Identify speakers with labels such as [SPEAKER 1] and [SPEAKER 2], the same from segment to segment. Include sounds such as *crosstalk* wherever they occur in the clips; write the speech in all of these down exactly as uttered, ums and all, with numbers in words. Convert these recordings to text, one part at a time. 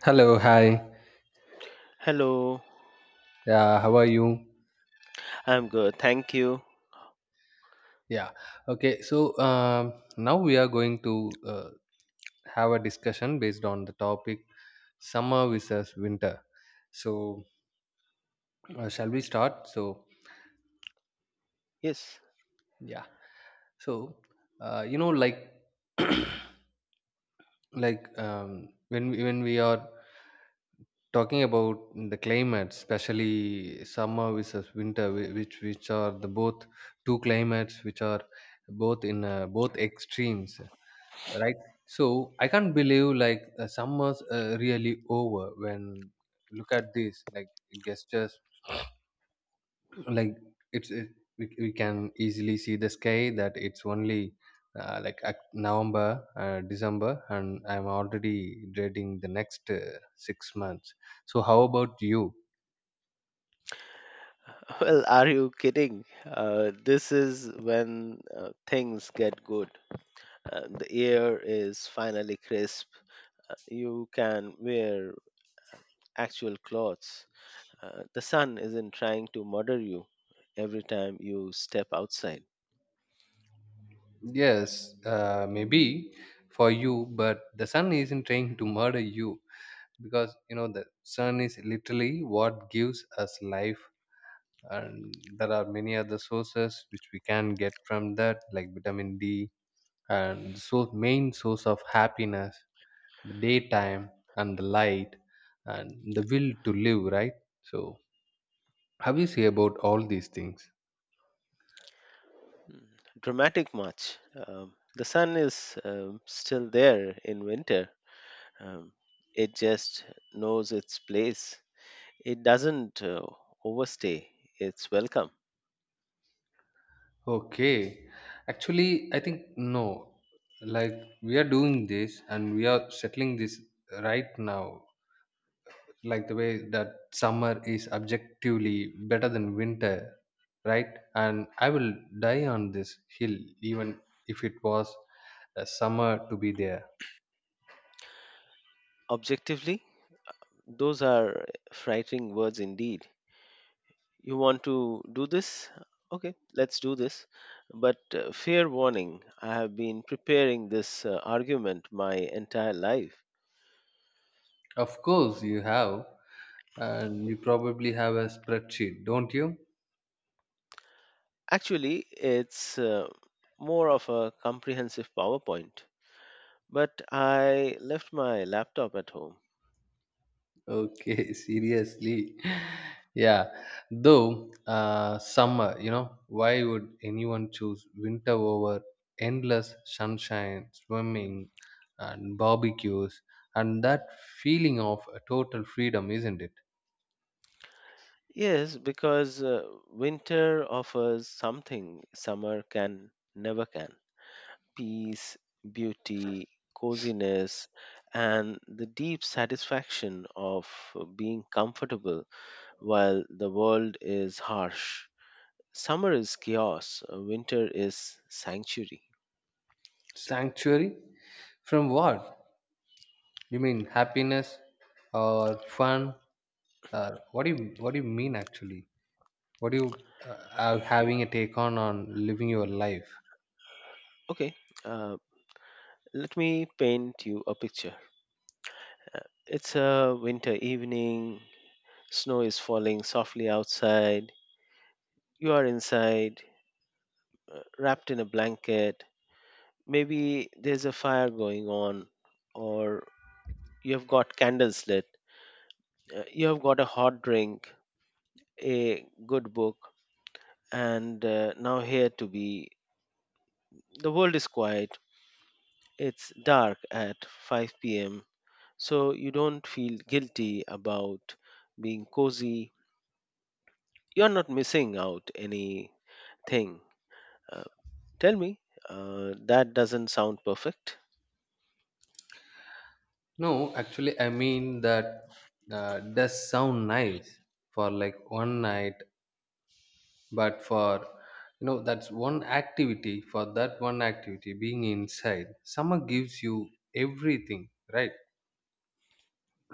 [SPEAKER 1] Hello, hi.
[SPEAKER 2] Hello,
[SPEAKER 1] Yeah, how are you?
[SPEAKER 2] I'm good. Thank you.
[SPEAKER 1] Yeah. Okay. So um, now we are going to uh, have a discussion based on the topic summer versus winter. So uh, shall we start? So
[SPEAKER 2] Yes.
[SPEAKER 1] yeah. So uh, you know, like like um, when we- when we are talking about the climate, especially summer versus winter, whi- which which are the both two climates which are both in uh, both extremes, right. So I can't believe, like, uh, summer's uh, really over when look at this, like it just *sniffs* like it's it, we, we can easily see the sky that it's only uh, like Oc- november uh, december and I'm already dreading the next uh, six months. So how about you?
[SPEAKER 2] *laughs* Well, are you kidding? Uh, this is when uh, things get good. Uh, the air is finally crisp. Uh, you can wear actual clothes. Uh, the sun isn't trying to murder you every time you step outside.
[SPEAKER 1] Yes, uh, maybe for you, but the sun isn't trying to murder you because you know the sun is literally what gives us life, and there are many other sources which we can get from that, like vitamin D, and so main source of happiness, the daytime, and the light, and the will to live, right? So how you say about all these things?
[SPEAKER 2] Mm, Dramatic much. Um, the sun is um, still there in winter. Um, it just knows its place. It doesn't uh, overstay its welcome.
[SPEAKER 1] Okay, actually I think no. Like, we are doing this, and we are settling this right now, like the way that summer is objectively better than winter, right? And I will die on this hill, even if it was a summer to be there.
[SPEAKER 2] Objectively, those are frightening words indeed. You want to do this? Okay, let's do this. But uh, fair warning, I have been preparing this uh, argument my entire life.
[SPEAKER 1] Of course you have, and you probably have a spreadsheet, don't you?
[SPEAKER 2] Actually, it's uh, more of a comprehensive PowerPoint. But I left my laptop at home.
[SPEAKER 1] Okay, *laughs* seriously. Yeah, though uh, summer, you know, why would anyone choose winter over endless sunshine, swimming, and barbecues, and that feeling of a total freedom, isn't it?
[SPEAKER 2] Yes, because uh, winter offers something summer can never can. Peace, beauty, coziness, and the deep satisfaction of being comfortable while the world is harsh. Summer is chaos, uh, winter is sanctuary.
[SPEAKER 1] Sanctuary from what? You mean happiness or fun? Or what do you what do you mean, actually? What do you uh, are having a take on on living your life?
[SPEAKER 2] Okay, uh, let me paint you a picture. Uh, It's a winter evening, snow is falling softly outside, you are inside, uh, wrapped in a blanket. Maybe there's a fire going on, or you've got candles lit, uh, you've got a hot drink, a good book, and uh, now here to be. The world is quiet, it's dark at five p m, so you don't feel guilty about being cozy. You're not missing out anything. Uh, Tell me, uh, that doesn't sound perfect,
[SPEAKER 1] No, actually, I mean that uh, does sound nice for like one night, but for you know, that's one activity. For that one activity, being inside, summer gives you everything, right?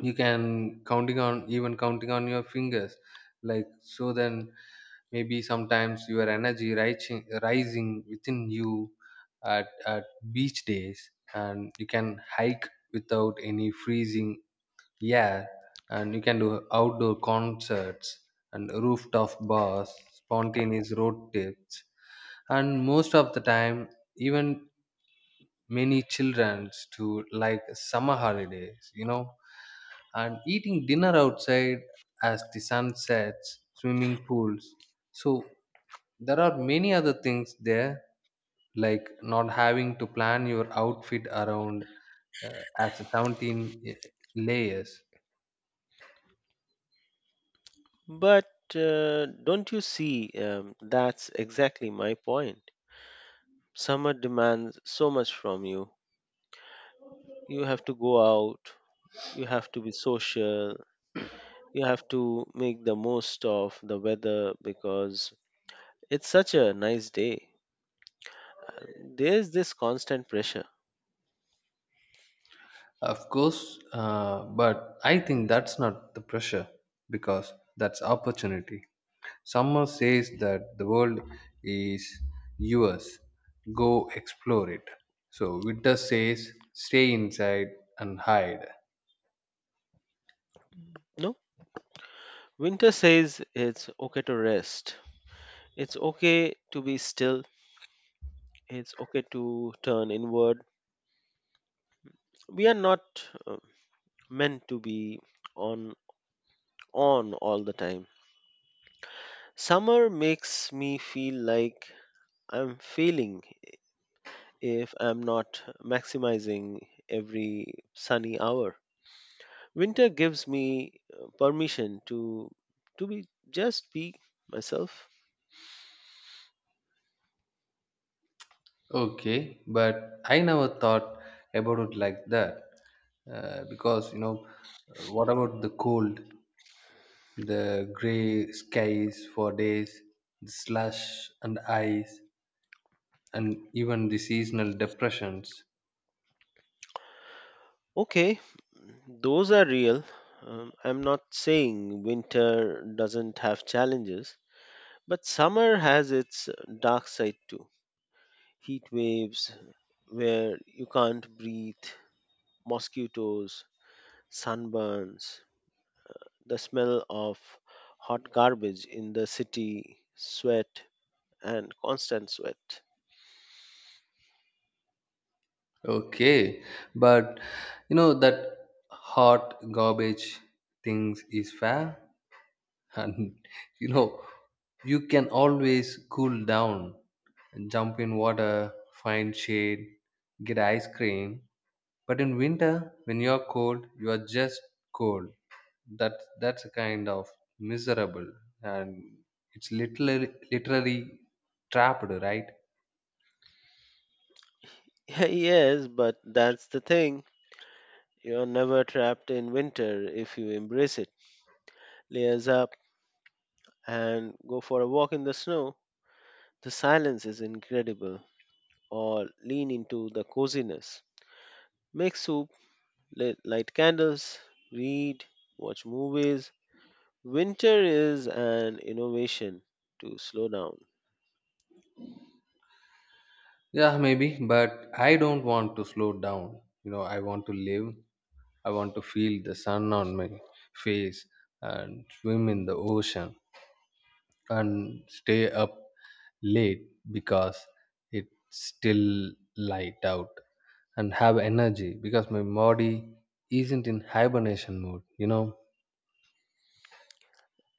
[SPEAKER 1] You can counting on even counting on your fingers, like so. Then maybe sometimes your energy rising rising within you at at beach days, and you can hike without any freezing. Yeah, and you can do outdoor concerts and rooftop bars, spontaneous road trips, and most of the time, even many childrens to like summer holidays, you know, and eating dinner outside as the sun sets, swimming pools. So there are many other things there, like not having to plan your outfit around uh, as a seventeen eh, layers.
[SPEAKER 2] but uh, don't you see um, that's exactly my point? Summer demands so much from you. You have to go out, you have to be social, you have to make the most of the weather because it's such a nice day. And there's this constant pressure.
[SPEAKER 1] Of course, uh, but I think that's not the pressure, because that's opportunity. Someone says that the world is yours, go explore it. So winter says stay inside and hide.
[SPEAKER 2] No, winter says it's okay to rest, it's okay to be still, it's okay to turn inward. We are not uh, meant to be on on all the time. Summer makes me feel like I'm failing if I'm not maximizing every sunny hour. Winter gives me uh, permission to to be just be myself.
[SPEAKER 1] Okay, but I never thought about it like that, uh, because you know, what about the cold, the gray skies for days, the slush and ice? And even the seasonal depressions.
[SPEAKER 2] Okay, those are real. Um, I'm not saying winter doesn't have challenges, but summer has its dark side too. Heat waves where you can't breathe, mosquitoes, sunburns, the smell of hot garbage in the city, sweat, and constant sweat.
[SPEAKER 1] Okay, but you know that hot garbage things is fair, and *laughs* you know you can always cool down, jump in water, find shade, get ice cream. But in winter, when you're cold, you are just cold. That that's a kind of miserable, and it's literally literally trapped, right?
[SPEAKER 2] *laughs* Yes, but that's the thing. You're never trapped in winter if you embrace it. Layers up and go for a walk in the snow. The silence is incredible. Or lean into the coziness. Make soup, li- light candles, read, watch movies. Winter is an innovation to slow down.
[SPEAKER 1] Yeah, maybe, but I don't want to slow down. You know, I want to live. I want to feel the sun on my face and swim in the ocean and stay up late because it's still light out, and have energy because my body isn't in hibernation mode, you know.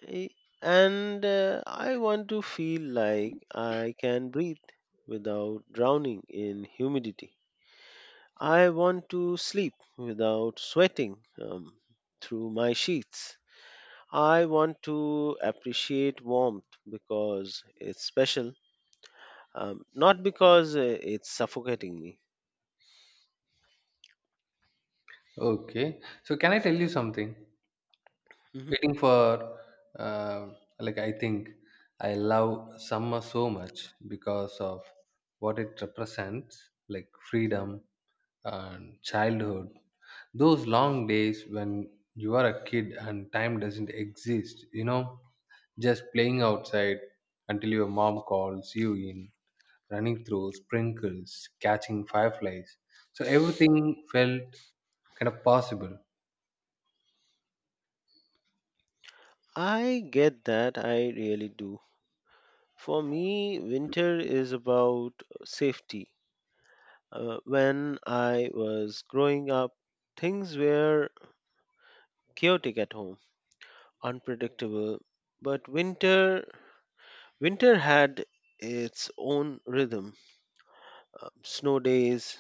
[SPEAKER 2] I- And uh, I want to feel like I can breathe without drowning in humidity. I want to sleep without sweating um, through my sheets. I want to appreciate warmth because it's special, um, not because uh, it's suffocating me.
[SPEAKER 1] Okay, so can I tell you something?
[SPEAKER 2] Mhm.
[SPEAKER 1] Waiting for uh, like, I think I love summer so much because of what it represents, like freedom and childhood, those long days when you are a kid and time doesn't exist you know just playing outside until your mom calls you in, running through sprinkles, catching fireflies, so everything felt kind of possible.
[SPEAKER 2] I get that, I really do. For me, winter is about safety. Uh, when I was growing up, things were chaotic at home, unpredictable, but winter winter had its own rhythm. Uh, snow days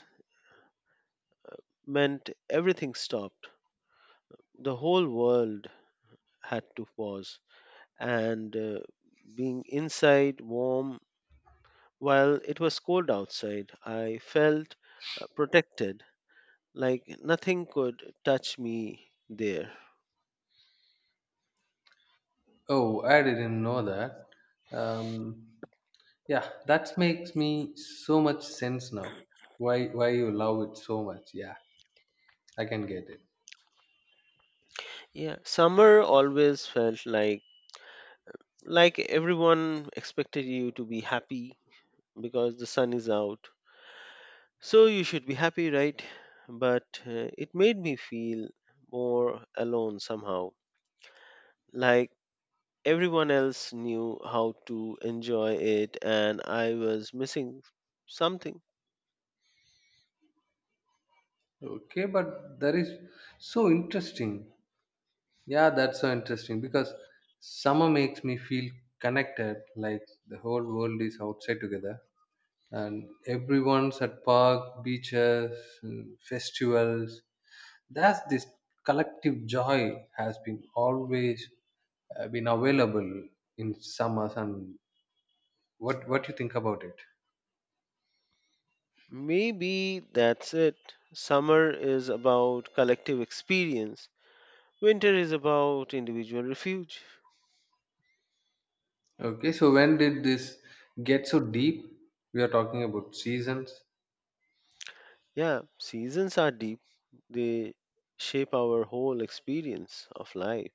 [SPEAKER 2] meant everything stopped. The whole world had to pause and uh, being inside warm while it was cold outside, I felt uh, protected like nothing could touch me there.
[SPEAKER 1] Oh, I didn't know that. um, yeah, that makes me so much sense now, why why you love it so much. Yeah, I can get it.
[SPEAKER 2] Yeah, summer always felt like like everyone expected you to be happy because the sun is out. So you should be happy, right? But uh, it made me feel more alone somehow. Like everyone else knew how to enjoy it and I was missing something.
[SPEAKER 1] Okay, but that is so interesting. Yeah, that's so interesting, because summer makes me feel connected, like the whole world is outside together, and everyone's at park beaches and festivals. That's this collective joy has been always uh, been available in summers. And what what do you think about it?
[SPEAKER 2] Maybe that's it. Summer is about collective experience. Winter is about individual refuge.
[SPEAKER 1] Okay, so when did this get so deep? We are talking about seasons.
[SPEAKER 2] Yeah, seasons are deep. They shape our whole experience of life.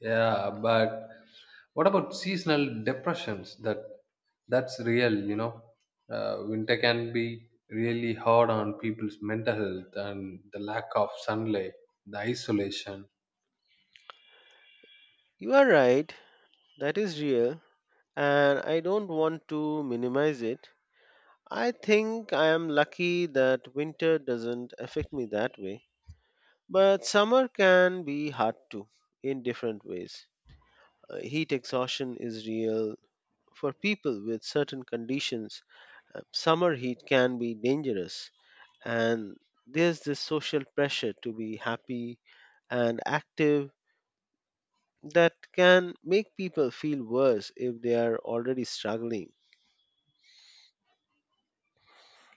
[SPEAKER 1] Yeah, but what about seasonal depressions? That that's real, you know. Uh, winter can be really hard on people's mental health, and the lack of sunlight, the isolation.
[SPEAKER 2] You are right. That is real. And I don't want to minimize it. I think I am lucky that winter doesn't affect me that way. But summer can be hard too, in different ways. Uh, heat exhaustion is real. For people with certain conditions, uh, summer heat can be dangerous. And there's this social pressure to be happy and active that can make people feel worse if they are already struggling.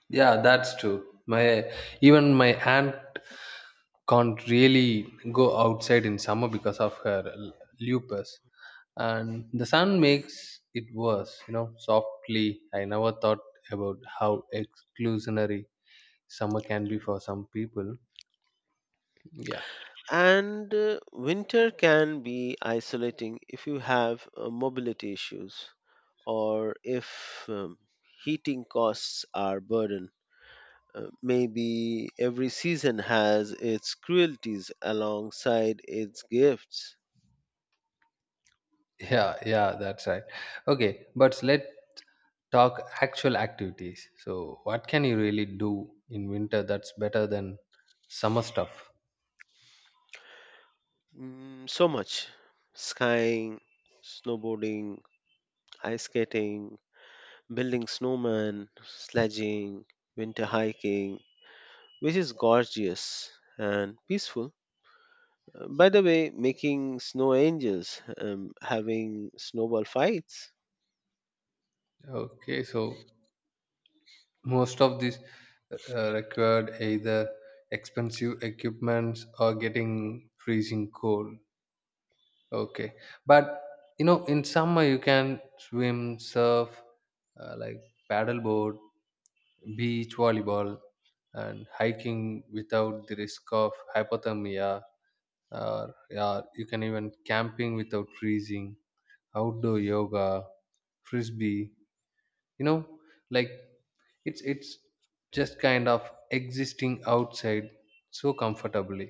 [SPEAKER 1] Yeah, that's true. My even my aunt can't really go outside in summer because of her l- lupus and the sun makes it worse, you know softly I never thought about how exclusionary summer can be for some people. Yeah.
[SPEAKER 2] And uh, winter can be isolating if you have uh, mobility issues or if um, heating costs are burden. Uh, maybe every season has its cruelties alongside its gifts.
[SPEAKER 1] *laughs* Yeah, yeah, that's right. Okay, but let talk actual activities. So what can you really do in winter that's better than summer stuff?
[SPEAKER 2] Mm, so much skiing, snowboarding, ice skating, building snowmen, sledging, winter hiking, which is gorgeous and peaceful. Uh, By the way, making snow angels, um, having snowball fights,
[SPEAKER 1] Okay, so most of these uh, uh, required either expensive equipments or getting freezing cold. Okay, but you know in summer you can swim, surf, uh, like paddleboard, beach volleyball, and hiking without the risk of hypothermia. Or yeah, you can even camping without freezing, outdoor yoga, frisbee, you know like, It's it's just kind of existing outside so comfortably.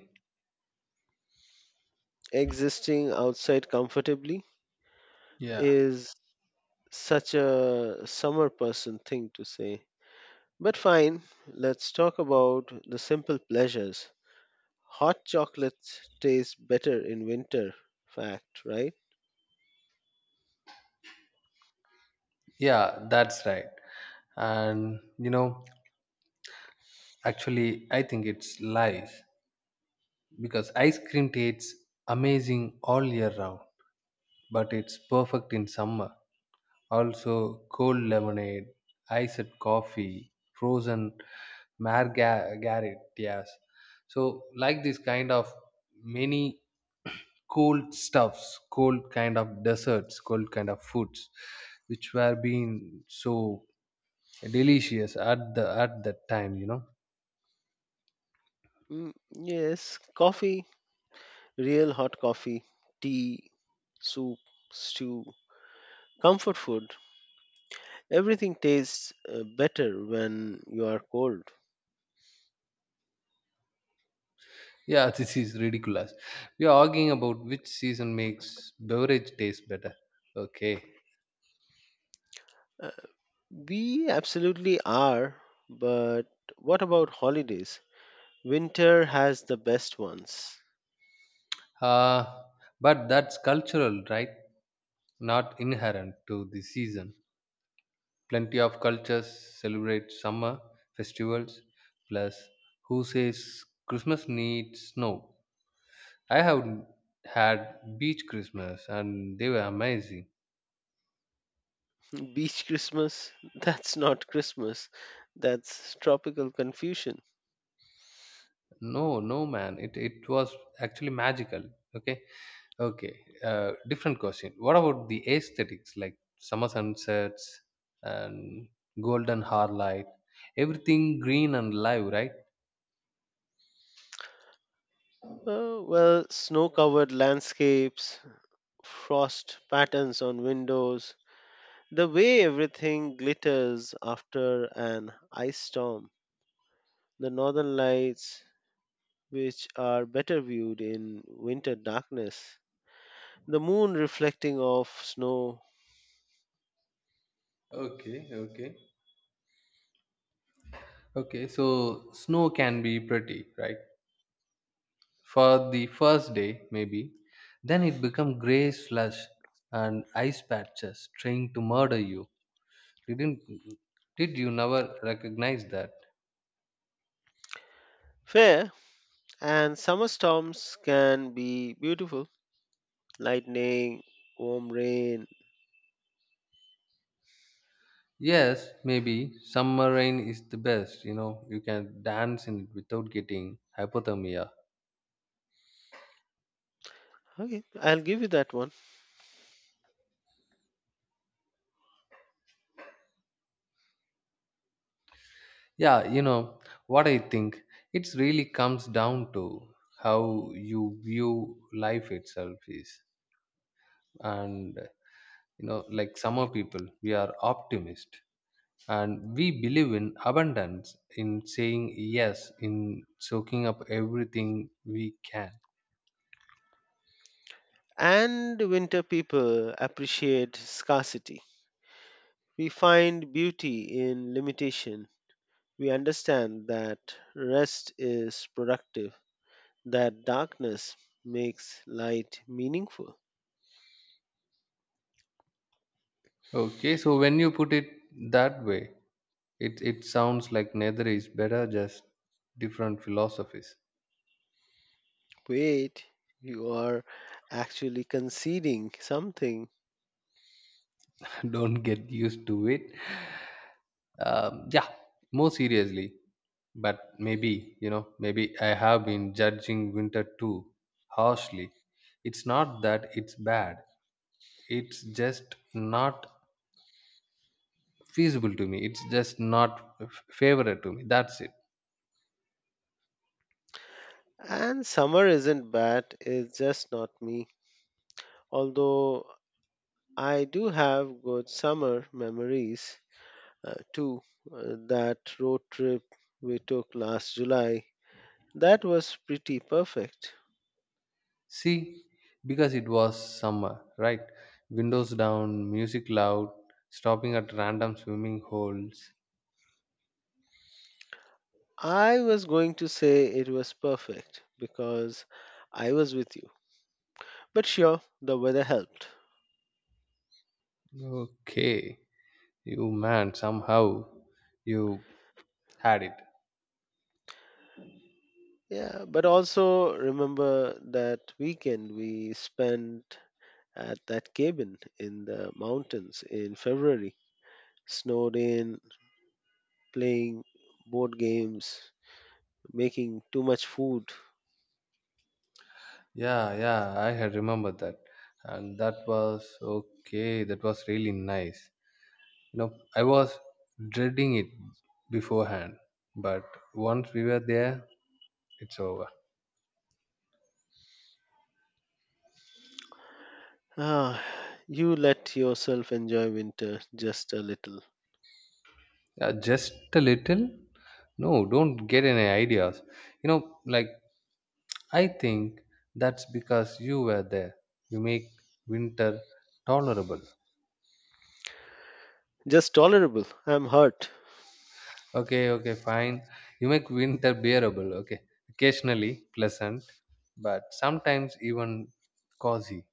[SPEAKER 2] existing outside comfortably
[SPEAKER 1] Yeah.
[SPEAKER 2] is such a summer person thing to say. But fine, let's talk about the simple pleasures. Hot chocolates taste better in winter, fact, right?
[SPEAKER 1] Yeah, that's right. And you know, actually, I think it's life because ice cream tastes amazing all year round, but it's perfect in summer. Also, cold lemonade, iced coffee, frozen margaritas. So, like, this kind of many cold stuffs, cold kind of desserts, cold kind of foods, which were being so delicious at the at that time. You know,
[SPEAKER 2] Mm, yes, coffee. Real hot coffee, tea, soup, stew, comfort food, everything tastes uh, better when you are cold.
[SPEAKER 1] yeah, this is ridiculous. We are arguing about which season makes beverage taste better. Okay,
[SPEAKER 2] Uh, we absolutely are, but what about holidays? Winter has the best ones.
[SPEAKER 1] uh, but that's cultural, right? Not inherent to the season. Plenty of cultures celebrate summer festivals. Plus, who says Christmas needs snow? I have had beach Christmas and they were amazing.
[SPEAKER 2] Beach Christmas? *laughs* That's not Christmas. That's tropical confusion.
[SPEAKER 1] No, no man, it it was actually magical. Okay, okay. Uh, different question. What about the aesthetics, like summer sunsets and golden light? Everything green and live, right?
[SPEAKER 2] Uh, well, snow covered landscapes, frost patterns on windows, the way everything glitters after an ice storm, the northern lights, which are better viewed in winter darkness, the moon reflecting off snow.
[SPEAKER 1] Okay, okay, okay. So snow can be pretty, right? For the first day, maybe. Then it become gray slush and ice patches trying to murder you. Didn't did you never recognize that?
[SPEAKER 2] Fair, and summer storms can be beautiful, lightning, warm rain.
[SPEAKER 1] Yes, maybe summer rain is the best, you know. You can dance in it without getting hypothermia.
[SPEAKER 2] Okay, I'll give you that one.
[SPEAKER 1] Yeah, you know what I think? It really comes down to how you view life itself is. And you know, like summer people, we are optimist, and we believe in abundance, in saying yes, in soaking up everything we can.
[SPEAKER 2] And winter people appreciate scarcity. We find beauty in limitation. We understand that rest is productive. That darkness makes light meaningful.
[SPEAKER 1] Okay, so when you put it that way, it it sounds like neither is better, just different philosophies.
[SPEAKER 2] Wait, you are actually conceding something.
[SPEAKER 1] *laughs* Don't get used to it. Um, yeah, more seriously, but maybe, you know, maybe I have been judging winter too harshly. It's not that it's bad. It's just not feasible to me. It's just not f- favorite to me. That's it.
[SPEAKER 2] And summer isn't bad, it's just not me. Although I do have good summer memories uh, too. Uh, that road trip we took last July, that was pretty perfect.
[SPEAKER 1] See, because it was summer, right? Windows down, music loud, stopping at random swimming holes.
[SPEAKER 2] I was going to say it was perfect because I was with you. But sure, the weather helped.
[SPEAKER 1] Okay, you man, somehow you had it.
[SPEAKER 2] Yeah, but also remember that weekend we spent at that cabin in the mountains in February, snowed in, playing board games, making too much food.
[SPEAKER 1] Yeah, yeah, I had remembered that. And that was okay, that was really nice. You know, I was dreading it beforehand, but once we were there, it's over.
[SPEAKER 2] Ah, you let yourself enjoy winter just a little.
[SPEAKER 1] Yeah, just a little. No, don't get any ideas. You know, like I think that's because you were there. You make winter tolerable.
[SPEAKER 2] Just tolerable. I'm hurt.
[SPEAKER 1] Okay, okay, fine. You make winter bearable. Okay. Occasionally pleasant, but sometimes even cozy.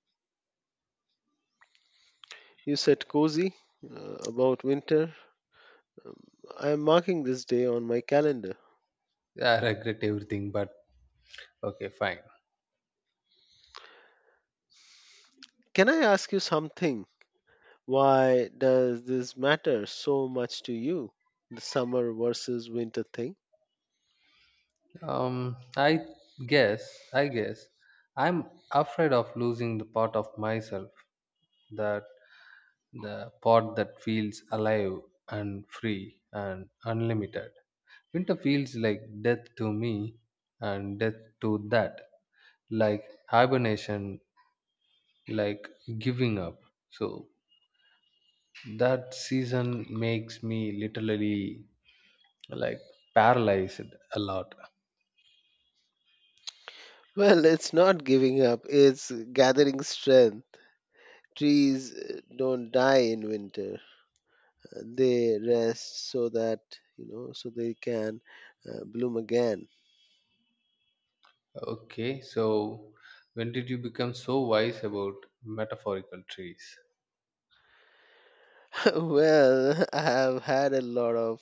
[SPEAKER 2] You said cozy uh, about winter. Um, I'm marking this day on my calendar.
[SPEAKER 1] I regret everything, but okay, fine.
[SPEAKER 2] Can I ask you something? Why does this matter so much to you? The summer versus winter thing? *laughs*
[SPEAKER 1] Um, I guess, I guess, I'm afraid of losing the part of myself that the part that feels alive and free and unlimited. Winter feels like death to me and death to that, like hibernation, like giving up. So that season makes me literally like paralyzed a lot.
[SPEAKER 2] Well, it's not giving up, it's gathering strength. Trees uh, don't die in winter. Uh, They rest so that, you know, so they can uh, bloom again.
[SPEAKER 1] Okay, so when did you become so wise about metaphorical trees?
[SPEAKER 2] *laughs* Well, I have had a lot of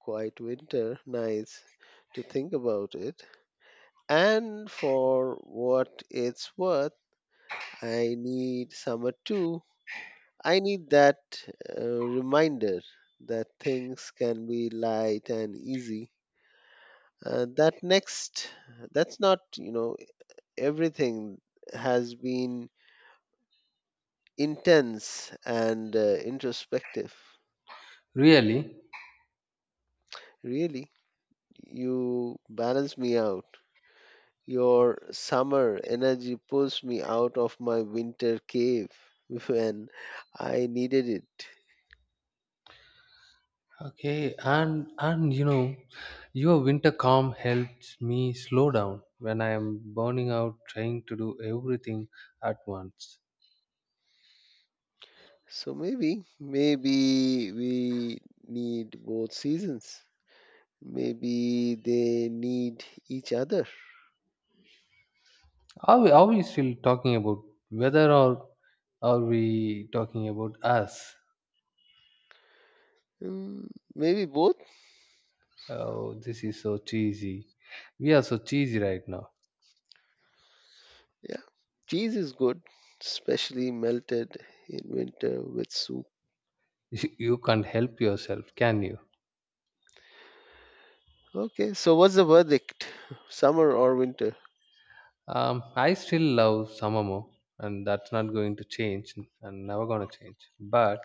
[SPEAKER 2] quiet winter nights to think about it. And for what it's worth, I need summer too. I need that uh, reminder that things can be light and easy. Uh, that next, that's not, you know, everything has been intense and uh, introspective.
[SPEAKER 1] Really?
[SPEAKER 2] Really, you balance me out. Your summer energy pulls me out of my winter cave *laughs* when I needed it.
[SPEAKER 1] Okay, and and you know, your winter calm helps me slow down when I am burning out trying to do everything at once.
[SPEAKER 2] So maybe, maybe we need both seasons. Maybe they need each other.
[SPEAKER 1] Are we, are we still talking about weather, or are we talking about us?
[SPEAKER 2] Mm, maybe both.
[SPEAKER 1] Oh, this is so cheesy. We are so cheesy right now.
[SPEAKER 2] Yeah. Cheese is good, especially melted in winter with soup.
[SPEAKER 1] *laughs* You can't help yourself, can you?
[SPEAKER 2] Okay, so what's the verdict? *laughs* Summer or winter?
[SPEAKER 1] Um, I still love summer more, and that's not going to change and never gonna change. But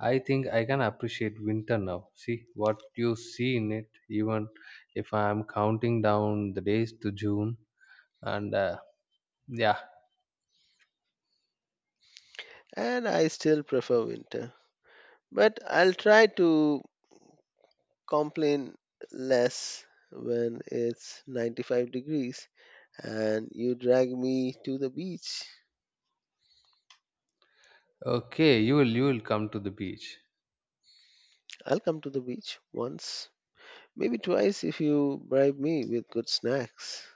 [SPEAKER 1] I think I can appreciate winter now. See what you see in it, even if I'm counting down the days to June. And uh, yeah,
[SPEAKER 2] And I still prefer winter. But I'll try to complain less when it's ninety-five degrees and you drag me to the beach.
[SPEAKER 1] okay, you will you will come to the beach.
[SPEAKER 2] I'll come to the beach once, maybe twice if you bribe me with good snacks.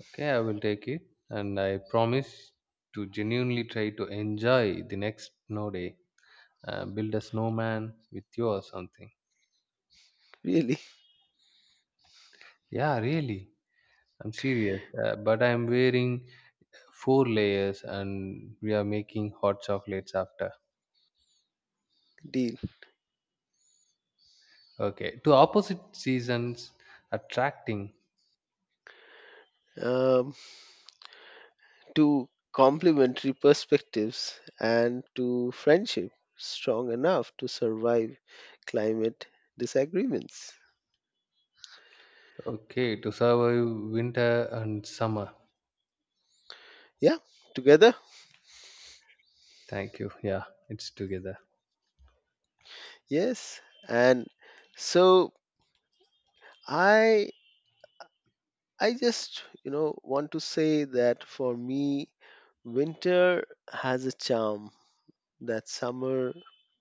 [SPEAKER 1] Okay, I will take it, and I promise to genuinely try to enjoy the next snow day. Uh, build a snowman with you or something.
[SPEAKER 2] Really,
[SPEAKER 1] Yeah, really, I'm serious. Uh, but I'm wearing four layers, and we are making hot chocolates after.
[SPEAKER 2] *laughs* deal.
[SPEAKER 1] Okay, to opposite seasons attracting.
[SPEAKER 2] Um, to complementary perspectives and to friendship strong enough to survive climate disagreements.
[SPEAKER 1] Okay, to survive winter and summer.
[SPEAKER 2] Yeah, together.
[SPEAKER 1] Thank you. Yeah, it's together.
[SPEAKER 2] Yes. And so I I just, you know, want to say that for me winter has a charm that summer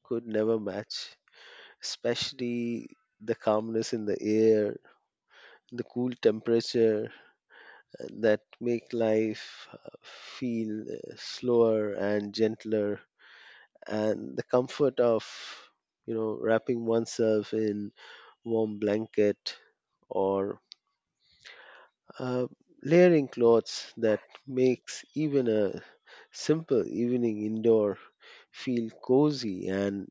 [SPEAKER 2] could never match, especially the calmness in the air, the cool temperature that make life uh, feel uh, slower and gentler and the comfort of you know wrapping oneself in warm blanket or uh, layering clothes that makes even a simple evening indoor feel cozy and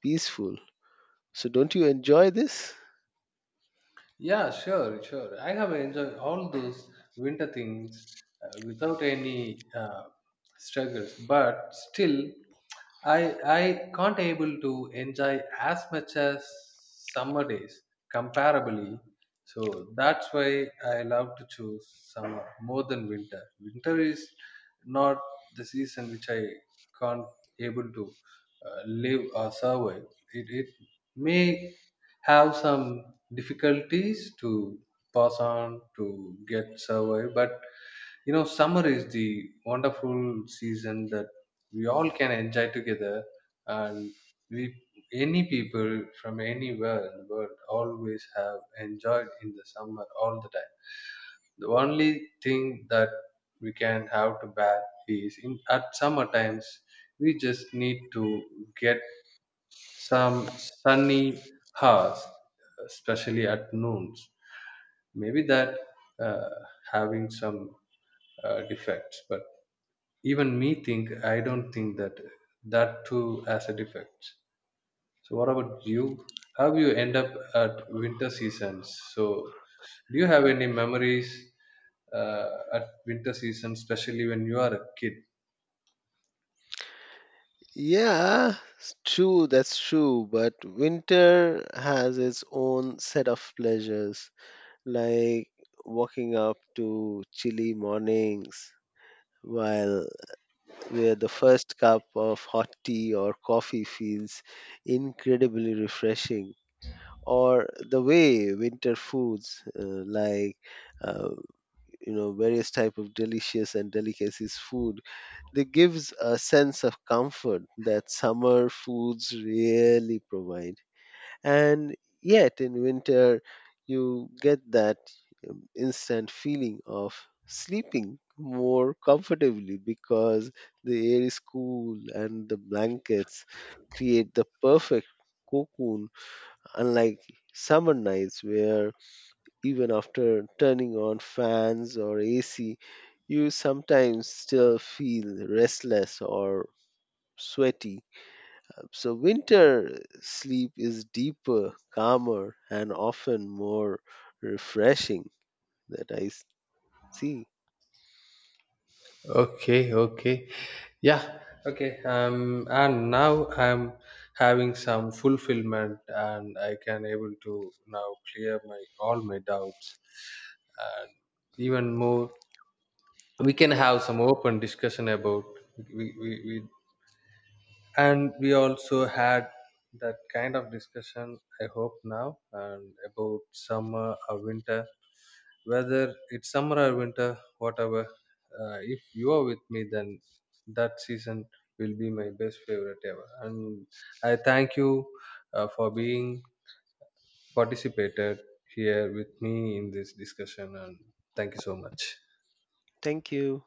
[SPEAKER 2] peaceful so don't you enjoy this.
[SPEAKER 1] Yeah, sure, sure. I have enjoyed all those winter things uh, without any uh, struggles, but still, I I can't able to enjoy as much as summer days comparably. So that's why I love to choose summer more than winter. Winter is not the season which I can't able to uh, live or survive. It it may have some difficulties to pass on to get survive, but you know summer is the wonderful season that we all can enjoy together, and we any people from anywhere in the world always have enjoyed in the summer all the time. The only thing that we can have to bear is in at summer times. We just need to get some sunny hours, especially at noons. Maybe that uh, having some uh, defects, but even me think I don't think that that too as a defect. So what about you? How you end up at winter seasons? So do you have any memories uh, at winter season, especially when you are a kid?
[SPEAKER 2] Yeah, it's true, that's true. But winter has its own set of pleasures. Like walking up to chilly mornings while where the first cup of hot tea or coffee feels incredibly refreshing or the way winter foods uh, like uh, you know various type of delicious and delicacies food they gives a sense of comfort that summer foods really provide. And yet, in winter, you get that um, instant feeling of sleeping more comfortably because the air is cool and the blankets create the perfect cocoon, unlike summer nights where even after turning on fans or A C, you sometimes still feel restless or sweaty. So, winter sleep is deeper, calmer, and often more refreshing that I s- see.
[SPEAKER 1] Okay, okay. Yeah, okay. Um, and now I'm having some fulfillment, and I can able to now clear my all my doubts, and even more we can have some open discussion about we, we, we and we also had that kind of discussion. I hope now, and about summer or winter, whether it's summer or winter, whatever, uh, if you are with me, then that season will be my best favorite ever. And I thank you uh, for being participated here with me in this discussion, and thank you so much.
[SPEAKER 2] Thank you.